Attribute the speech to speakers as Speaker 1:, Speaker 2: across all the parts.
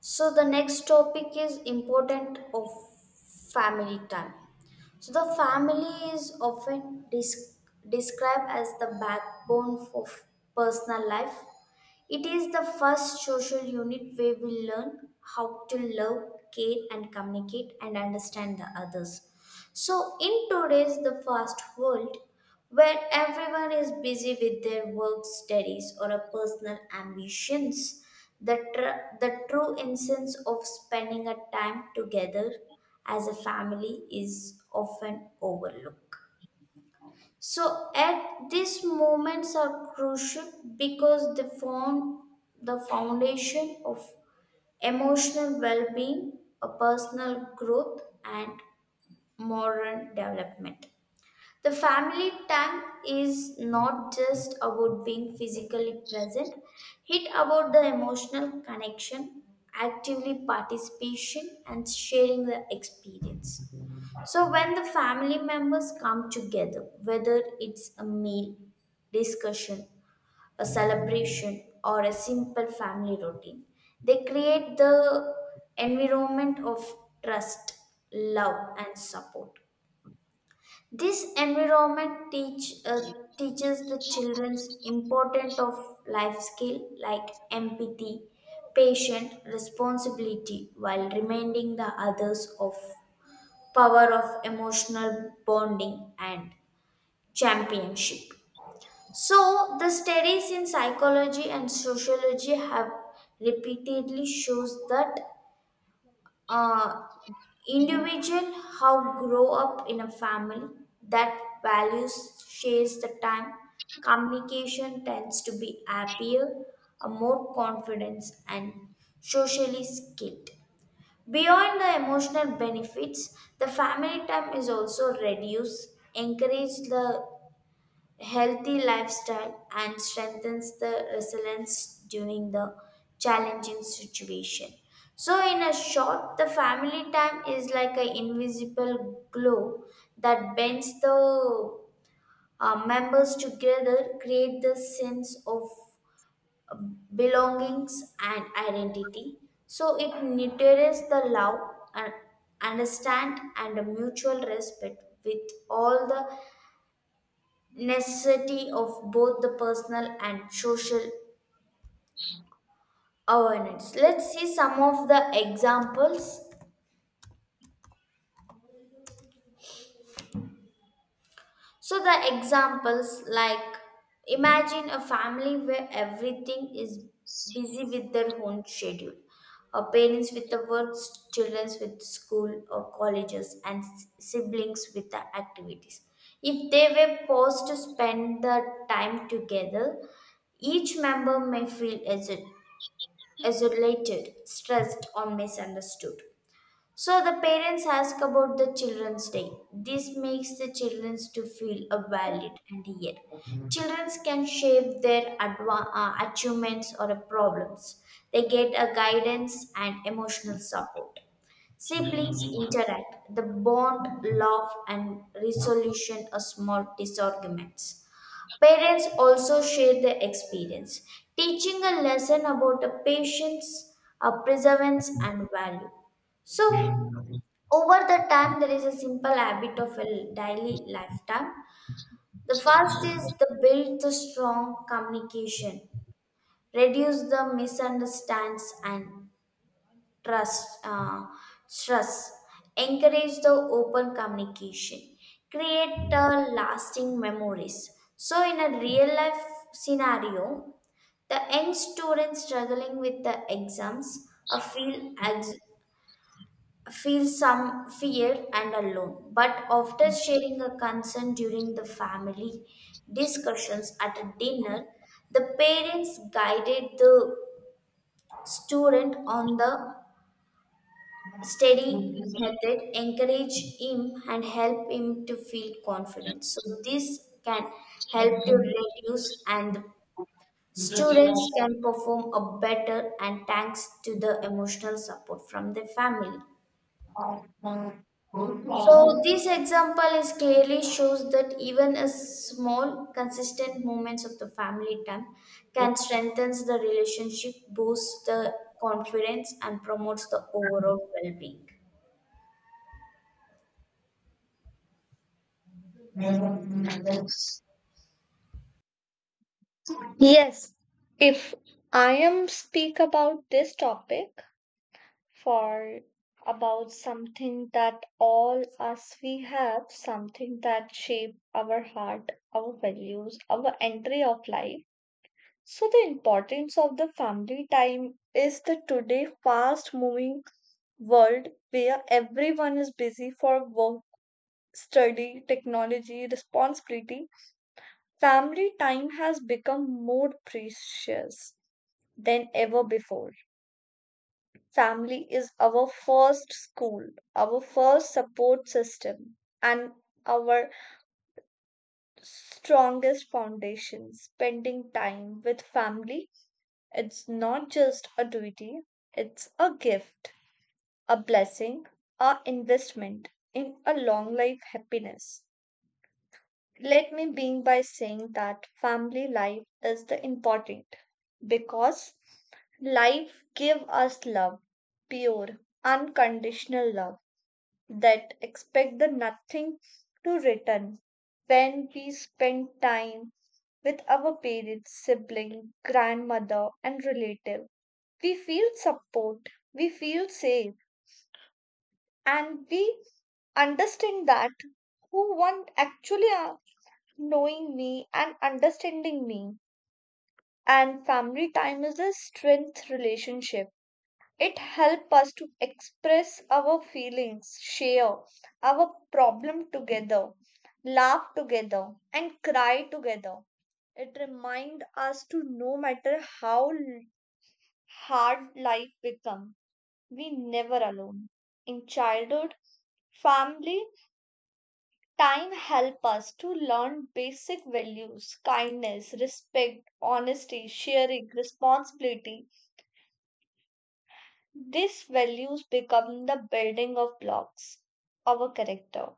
Speaker 1: So the next topic is important of family time. So the family is often described as the backbone of personal life. It is the first social unit where we learn how to love, care and communicate and understand the others. So, in today's the fast world, where everyone is busy with their work, studies, or a personal ambitions, the true essence of spending a time together as a family is often overlooked. So, at these moments are crucial because they form the foundation of emotional well being, a personal growth, and moral development. The family time is not just about being physically present, it about the emotional connection, actively participation and sharing the experience. So when the family members come together, whether it's a meal, discussion, a celebration or a simple family routine, they create the environment of trust, love and support. This environment teaches the children's important of life skill like empathy, patient, responsibility, while reminding the others of power of emotional bonding and championship. So the studies in psychology and sociology have repeatedly shows that uh, individual how grow up in a family that values shares the time communication tends to be happier a more confidence and socially skilled. Beyond the emotional benefits, the family time is also reduced encourage the healthy lifestyle and strengthens the resilience during the challenging situation. So in a short, the family time is like an invisible glow that bends the members together, create the sense of uh, belongings and identity. So it nurtures the love and understand and a mutual respect with all the necessity of both the personal and social awareness. Let's see some of the examples. So, the examples like imagine a family where everything is busy with their own schedule. Or parents with the works, children with school or colleges, and siblings with the activities. If they were forced to spend the time together, each member may feel isolated, stressed, or misunderstood. So the parents ask about the children's day. This makes the children to feel a valid and heard. Children can share their achievements or problems. They get a guidance and emotional support. Siblings interact. The bond, love, and resolution of small disagreements. Parents also share their experience, teaching a lesson about the patience, a perseverance, and value. So, over the time, there is a simple habit of a daily lifetime. The first is the build the strong communication, reduce the misunderstands and trust uh, trust encourage the open communication, create lasting memories. So in a real life scenario, the young student struggling with the exams ex- feel some fear and alone. But after sharing a concern during the family discussions at a dinner, the parents guided the student on the steady method, encourage him and help him to feel confident. So this can help to reduce and the
Speaker 2: Yes,
Speaker 1: students can perform a better, and thanks to the emotional support from the family. So this example is clearly shows that even a small consistent moments of the family time can strengthen the relationship, boosts the confidence and promotes the overall well-being.
Speaker 2: if I am speak about this topic for about something that all us we have, something that shape our heart, our values, our entry of life. So the importance of the family time is the today fast moving world where everyone is busy for work, study, technology, responsibility. Family time has become more precious than ever before. Family is our first school, our first support system, and our strongest foundation. Spending time with family, it's not just a duty, it's a gift, a blessing, a investment in a long life happiness. Let me begin by saying that family life is the important because life give us love, pure, unconditional love that expect the nothing to return. When we spend time with our parents, sibling, grandmother and relative, we feel support, we feel safe, and we understand that who want actually are, knowing me and understanding me. And family time is a strength relationship. It helps us to express our feelings, share our problem together, laugh together, and cry together. It reminds us to no matter how hard life becomes, we never alone. In childhood, family time help us to learn basic values, kindness, respect, honesty, sharing, responsibility. These values become the building of blocks of a character.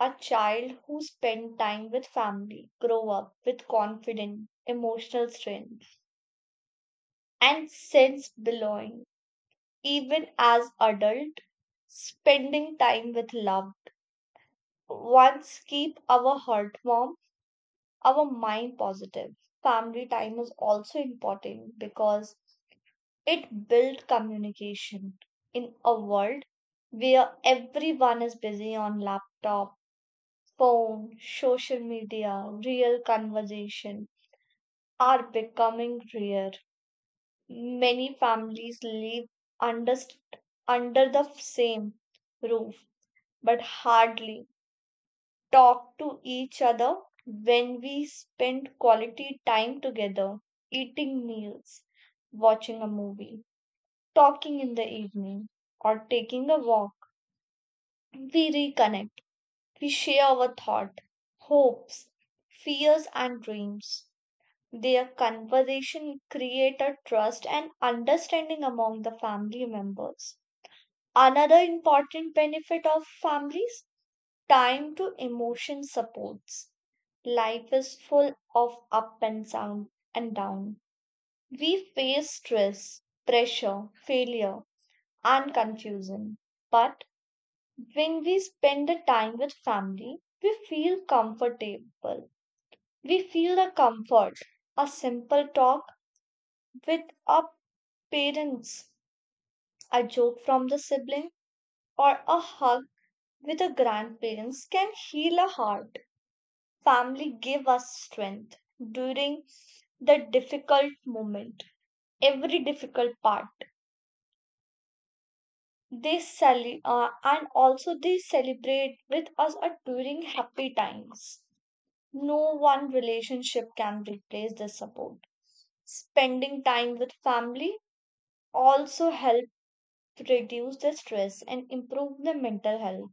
Speaker 2: A child who spend time with family grow up with confidence, emotional strength, and sense belonging. Even as adult, spending time with loved ones keep our heart warm, our mind positive. Family time is also important because it built communication in a world where everyone is busy on laptop, phone, social media, real conversation are becoming rare. Many families live under under the same roof but hardly talk to each other. When we spend quality time together, eating meals, watching a movie, talking in the evening, or taking a walk, we reconnect. We share our thought, hopes, fears, and dreams. Their conversation create a trust and understanding among the family members. Another important benefit of families time to emotion supports. Life is full of up and down and down. We face stress, pressure, failure, and confusion. But when we spend the time with family, we feel comfortable. We feel the comfort. A simple talk with our parents, a joke from the sibling, or a hug with the grandparents can heal a heart. Family give us strength during the difficult moment, every difficult part. They and also they celebrate with us during happy times. No one relationship can replace this support. Spending time with family also help reduce the stress and improve the mental health.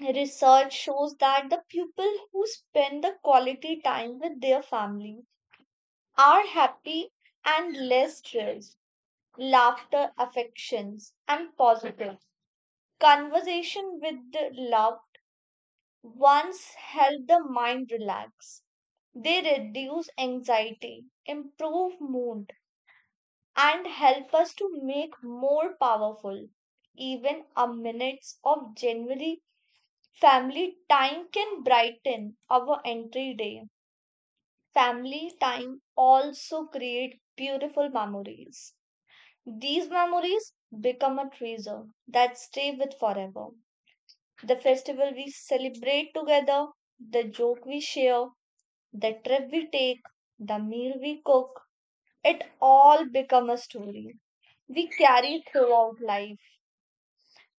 Speaker 2: Research shows that the people who spend the quality time with their family are happy and less stressed. Laughter, affections, and positive conversation with the love once help the mind relax. They reduce anxiety, improve mood, and help us to make more powerful. Even a minutes of genuinely family time can brighten our entry day. Family time also create beautiful memories. These memories become a treasure that stay with forever. The festival we celebrate together, the joke we share, the trip we take, the meal we cook, it all become a story we carry throughout life.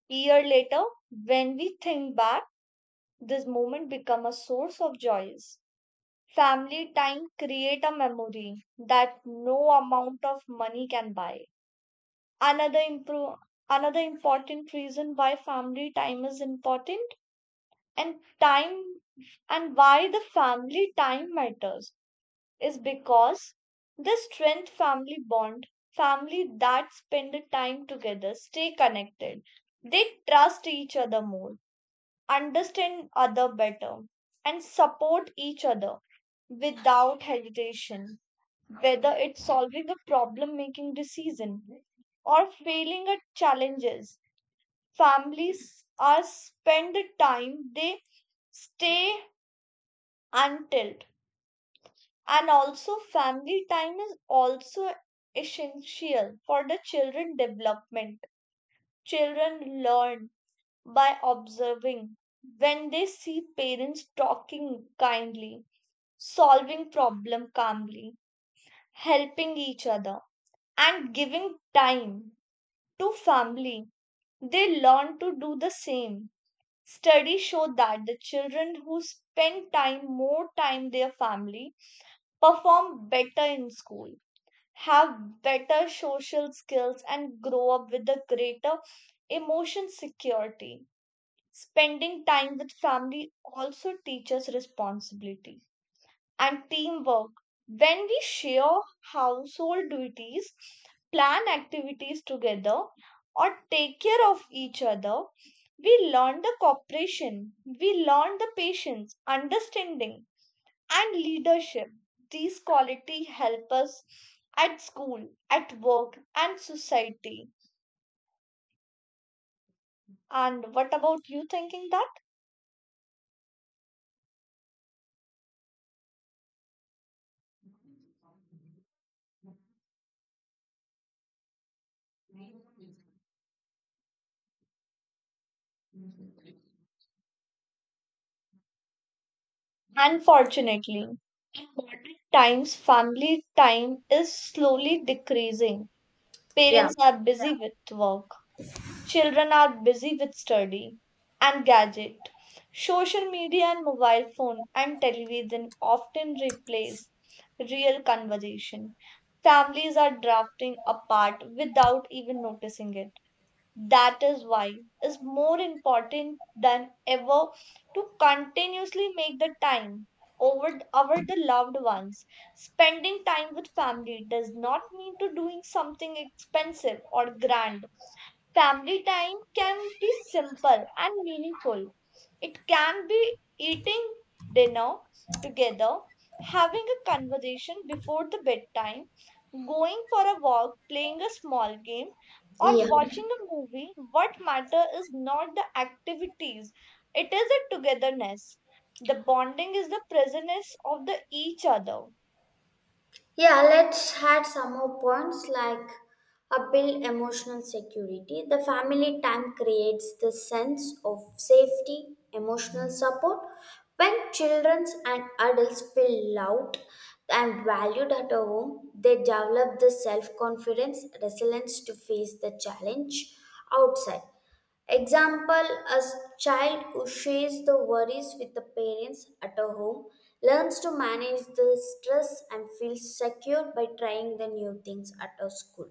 Speaker 2: Year later, when we think back, this moment become a source of joys. Family time create a memory that no amount of money can buy. Another impro, Another important reason why family time is important and time and why the family time matters is because this strength family bond, family that spend the time together, stay connected. They trust each other more, understand other better, and support each other without hesitation, whether it's solving a problem, making decision or failing at challenges. Families are spend the time they stay until. And also family time is also essential for the children development. Children learn by observing. When they see parents talking kindly, solving problem calmly, helping each other, and giving time to family, they learn to do the same. Studies show that the children who spend time more time their family perform better in school, have better social skills, and grow up with a greater emotion security. Spending time with family also teaches responsibility and teamwork. When we share household duties, plan activities together, or take care of each other, we learn the cooperation, we learn the patience, understanding, and leadership. These qualities help us at school, at work, and society. And what about you thinking that? Unfortunately, times family time is slowly decreasing.
Speaker 1: yeah
Speaker 2: Parents are busy with work, children are busy with study and gadget. Social media and mobile phone and television often replace real conversation. Families are drifting apart without even noticing it. That is why it's more important than ever to continuously make the time over our the loved ones. Spending time with family does not mean to doing something expensive or grand. Family time can be simple and meaningful. It can be eating dinner together, having a conversation before the bedtime, going for a walk, playing a small game, or
Speaker 1: yeah
Speaker 2: watching a movie. What matter is not the activities, it is the togetherness. The bonding is the presence of the each other.
Speaker 1: Yeah, let's add some more points like a build emotional security. The family time creates the sense of safety, emotional support. When children and adults feel loved and valued at home, they develop the self confidence, resilience to face the challenge outside. Example: a child who shares the worries with the parents at a home learns to manage the stress and feels secure by trying the new things at a school,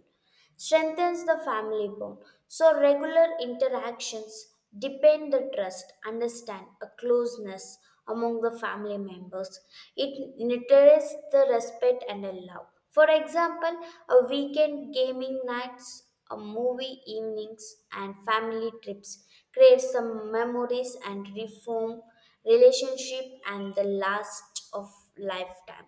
Speaker 1: strengthens the family bond. So, regular interactions deepen the trust, understand, a closeness among the family members. It nurtures the respect and the love. For example, a weekend gaming nights, a movie evenings, and family trips create some memories and reform relationship and the last of lifetime,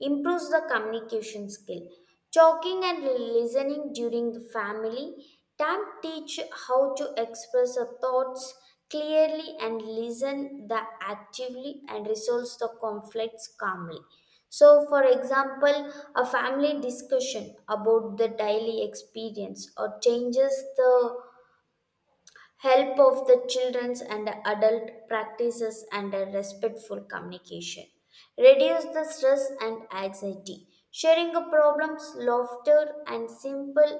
Speaker 1: improves the communication skill. Talking and listening during the family time teach how to express our thoughts clearly and listen the actively and resolves the conflicts calmly. So, for example, a family discussion about the daily experience or changes the help of the children's and adult practices and a respectful communication reduce the stress and anxiety, sharing of problems, laughter and simple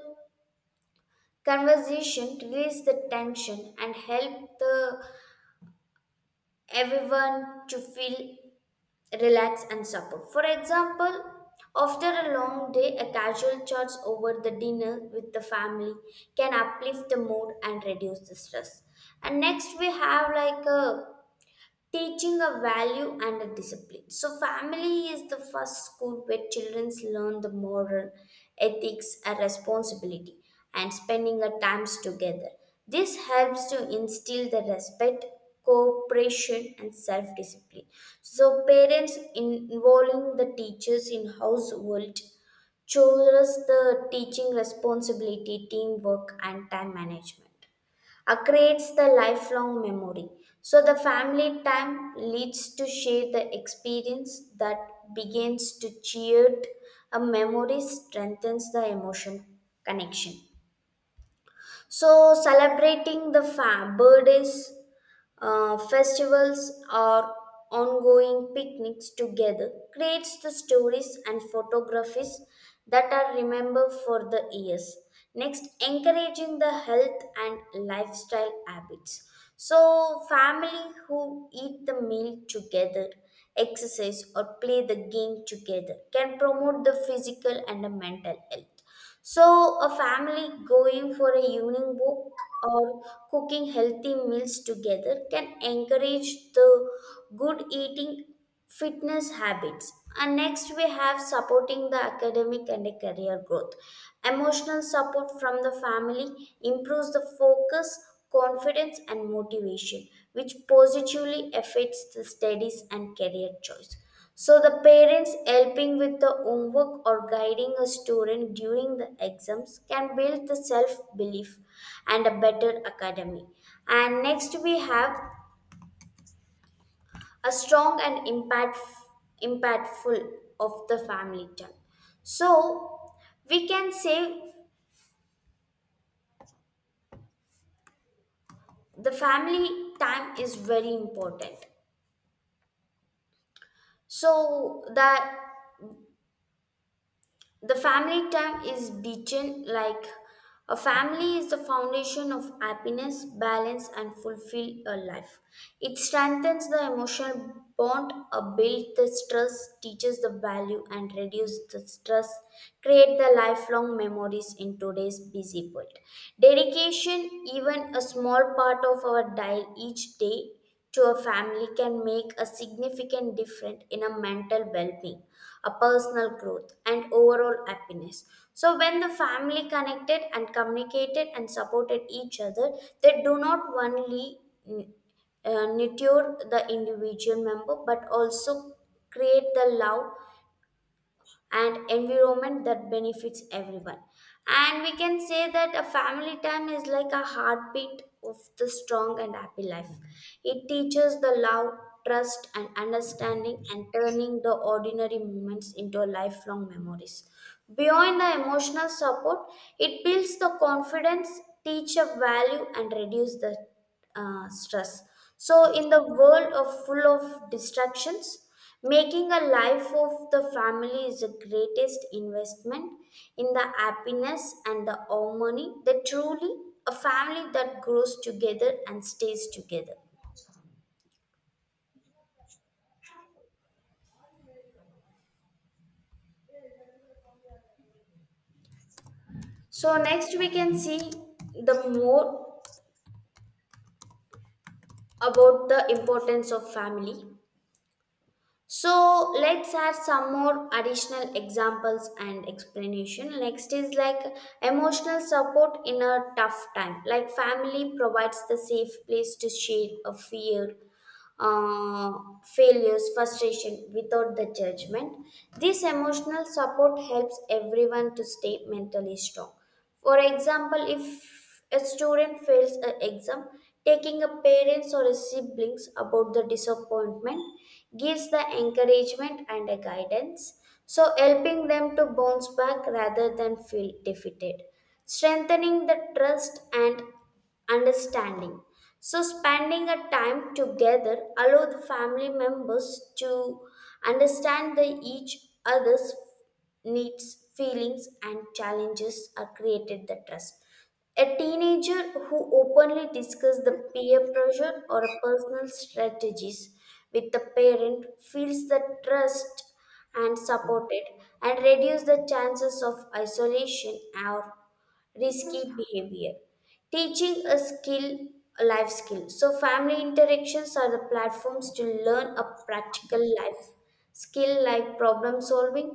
Speaker 1: conversation release the tension and help the everyone to feel relaxed and support. For example, after a long day, a casual chat over the dinner with the family can uplift the mood and reduce the stress. And next we have like a teaching a value and a discipline. So, family is the first school where children learn the moral, ethics, and responsibility, and spending their times together. This helps to instill the respect, cooperation, and self discipline. So, parents involving the teachers in household chose the teaching responsibility, teamwork, and time management. Creates the lifelong memory. So the family time leads to share the experience that begins to cheered a memory strengthens the emotion connection. So celebrating the fam birthdays, festivals or ongoing picnics together creates the stories and photographies that are remembered for the years. Next, encouraging the health and lifestyle habits. So family who eat the meal together, exercise or play the game together can promote the physical and the mental health. So, a family going for a evening walk or cooking healthy meals together can encourage the good eating fitness habits. And next, we have supporting the academic and a career growth. Emotional support from the family improves the focus, confidence, and motivation, which positively affects the studies and career choice. So the parents helping with the homework or guiding a student during the exams can build the self-belief and a better academy. And next we have a strong and impactful of the family time. So we can say the family time is very important. So the family time is ditching like a family is the foundation of happiness, balance, and fulfill a life. It strengthens the emotional bond, build the stress, teaches the value, and reduce the stress. Create the lifelong memories in today's busy world. Dedication, even a small part of our dial each day, to a family can make a significant difference in a mental well-being, a personal growth and overall happiness. So when the family connected and communicated and supported each other, they do not only mm, nurture the individual member but also create the love and environment that benefits everyone. And we can say that a family time is like a heartbeat of the strong and happy life. It teaches the love, trust and understanding and turning the ordinary moments into lifelong memories. Beyond the emotional support, it builds the confidence, teach a value and reduce the stress. So, in the world of full of distractions, making a life of the family is the greatest investment in the happiness and the harmony that truly a family that grows together and stays together. So, next we can see the more about the importance of family. So let's add some more additional examples and explanation. Next is like emotional support in a tough time. Like family provides the safe place to share a fear uh, failures, frustration without the judgment. This emotional support helps everyone to stay mentally strong. For example, if a student fails an exam, taking a parents or a siblings about the disappointment gives the encouragement and a guidance, so helping them to bounce back rather than feel defeated. Strengthening the trust and understanding. So, spending a time together allow the family members to understand the each other's needs, feelings, and challenges are created the trust. A teenager who openly discuss the peer pressure or a personal strategies with the parent feels the trust and supported and reduce the chances of isolation or risky behavior, teaching a skill, a life skill. So family interactions are the platforms to learn a practical life skill like problem solving,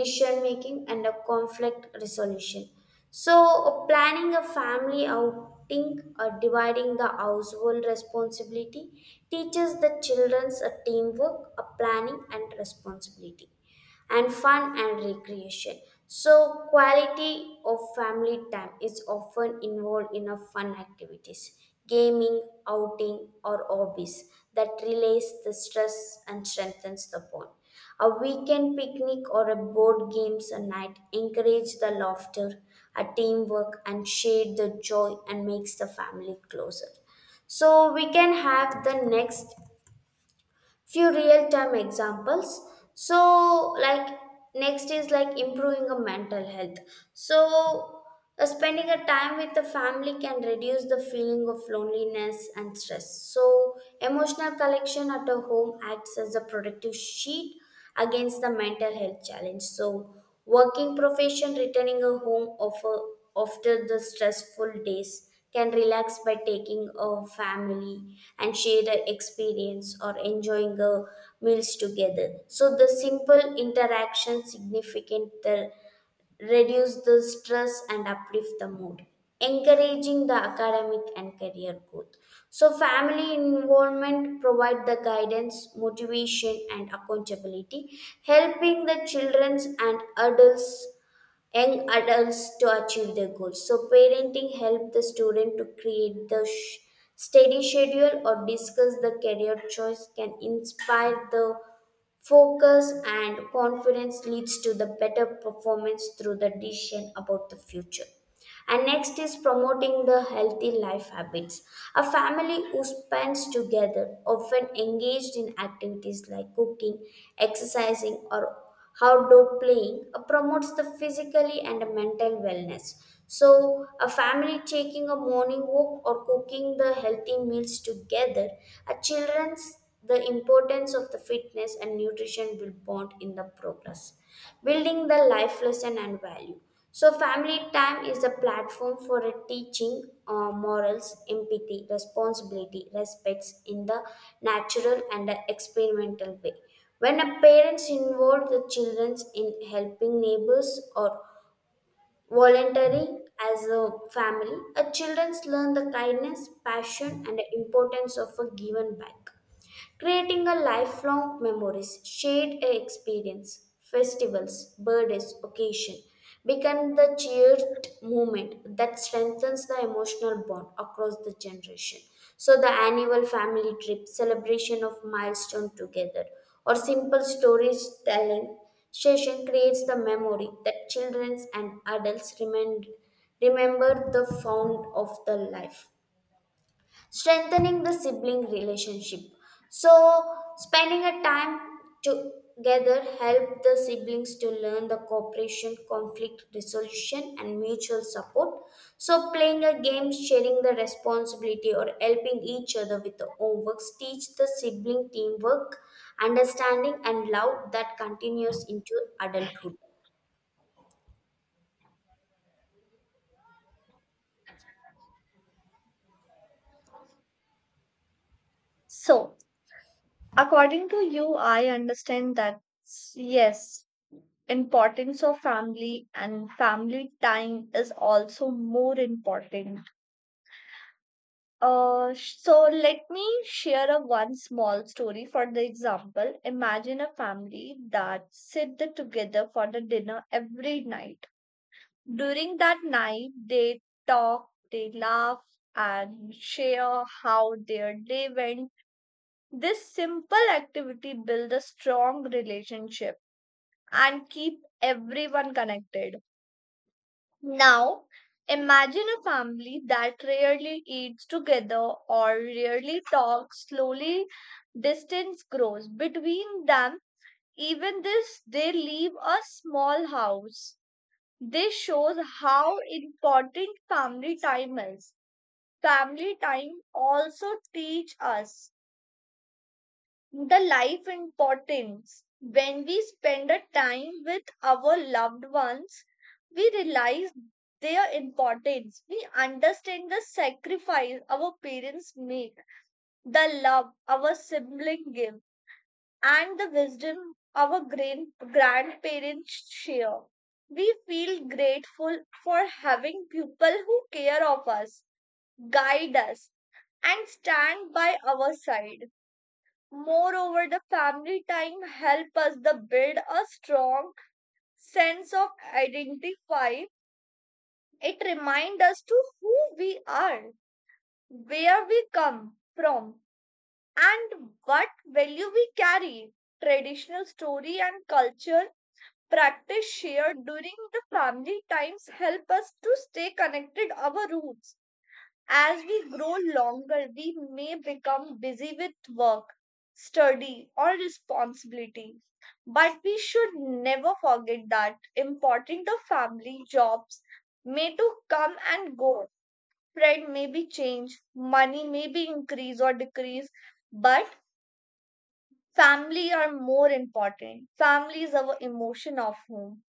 Speaker 1: decision making and a conflict resolution. So planning a family outing or dividing the household responsibility teaches the children's a teamwork, a planning and responsibility and fun and recreation. So, quality of family time is often involved in a fun activities, gaming, outing, or hobbies that relays the stress and strengthens the bond. A weekend picnic or a board games a night encourage the laughter, a teamwork, and share the joy and makes the family closer. So we can have the next few real time examples. So like next is like improving a mental health. So spending a time with the family can reduce the feeling of loneliness and stress. So emotional collection at a home acts as a protective sheet against the mental health challenge. So working profession returning a home offer after the stressful days can relax by taking a family and share the experience or enjoying the meals together. So the simple interaction significant the reduce the stress and uplift the mood, encouraging the academic and career growth. So family involvement provide the guidance, motivation and accountability, helping the children and adults, young adults to achieve their goals. So parenting help the student to create the steady schedule or discuss the career choice can inspire the focus and confidence leads to the better performance through the decision about the future. And next is promoting the healthy life habits. A family who spends together, often engaged in activities like cooking, exercising, or outdoor playing, promotes the physically and mental wellness. So, a family taking a morning walk or cooking the healthy meals together, a children's the importance of the fitness and nutrition will bond in the progress, building the life lesson and value. So, family time is a platform for a teaching morals, empathy, responsibility, respects in the natural and the experimental way. When a parents involve the children in helping neighbors or volunteering as a family, a childrens learn the kindness, passion, and the importance of a given back, creating a lifelong memories, shared experience, festivals, birthdays, occasion become the cheered moment that strengthens the emotional bond across the generation. So the annual family trip, celebration of milestone together, or simple stories telling session creates the memory that children and adults remember the fount of the life, strengthening the sibling relationship. So, spending a time together help the siblings to learn the cooperation, conflict resolution, and mutual support. So, playing a game, sharing the responsibility, or helping each other with the homeworks teach the sibling teamwork, understanding, and love that continues into adulthood.
Speaker 2: So, according to you, I understand that yes, importance of family and family time is also more important. So let me share a one small story for the example. Imagine a family that together for the dinner every night. During that night, they talk, they laugh, and share how their day went. This simple activity builds a strong relationship and keep everyone connected. Now, imagine a family that rarely eats together or rarely talks. Slowly, distance grows between them. Even this, they leave a small house. This shows how important family time is. Family time also teach us the life importance. When we spend a time with our loved ones, we realize their importance. We understand the sacrifice our parents make, the love our sibling give, and the wisdom our grandparents share. We feel grateful for having people who care of us, guide us, and stand by our side. Moreover, the family time help us the build a strong sense of identify. It remind us to who we are, where we come from, and what value we carry. Traditional story and culture practice shared during the family times help us to stay connected our roots. As we grow longer, we may become busy with work, study, or responsibility. But we should never forget that important the family jobs may to come and go. Friend may be changed, money may be increase or decrease, but family are more important. Family is our emotion of home,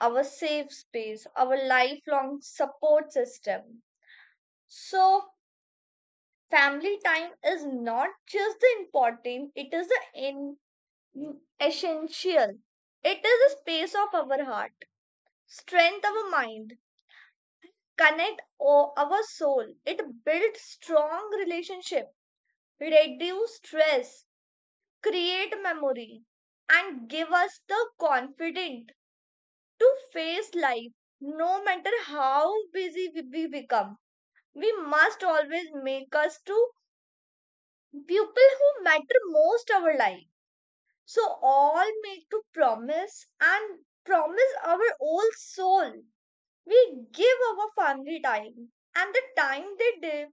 Speaker 2: our safe space, our lifelong support system. So family time is not just the important, it is the in, essential, it is the space of our heart, strength our mind, connect our soul. It builds strong relationship, reduce stress, create memory, and give us the confidence to face life. No matter how busy we become, we must always make us to people who matter most our life. So all made to promise and promise our old soul. We give our family time and the time they de-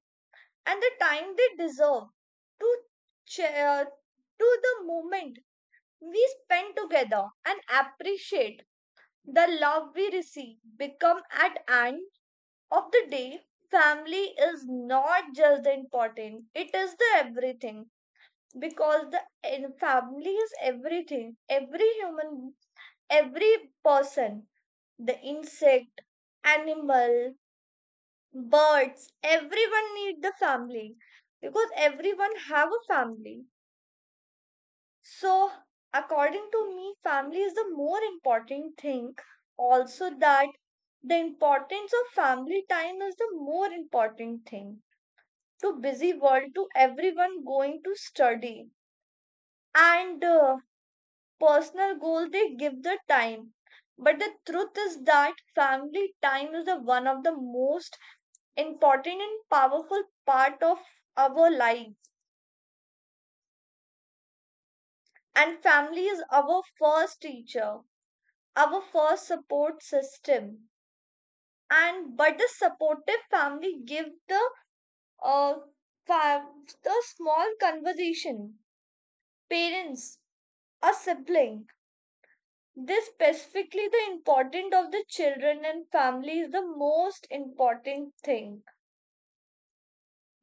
Speaker 2: and the time they deserve to share to the moment we spend together and appreciate the love we receive. Become at end of the day, family is not just the important; it is the everything, because the and family is everything, every human, every person, the insect, animal, birds, everyone need the family because everyone have a family. So according to me, family is the more important thing. Also that the importance of family time is the more important thing to busy world to everyone going to study and personal goal they give the time. But the truth is that family time is the one of the most important and powerful part of our lives. And family is our first teacher, our first support system, and but the supportive family give the uh the small conversation, parents, a sibling. This specifically the important of the children and family is the most important thing.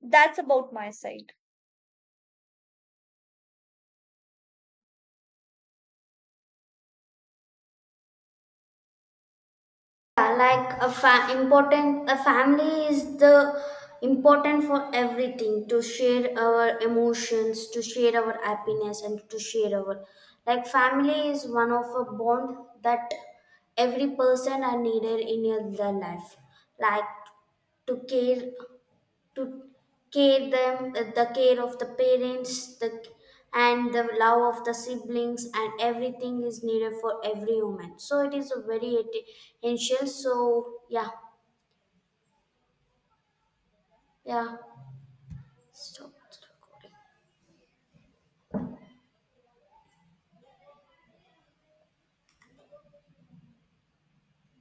Speaker 2: That's about my side.
Speaker 1: Yeah, like a important a family is the important for everything, to share our emotions, to share our happiness and to share our like family is one of a bond that every person are needed in their life, like to to care them, the care of the parents the and the love of the siblings and everything is needed for every woman so it is a very essential. So yeah. Yeah, stop the recording.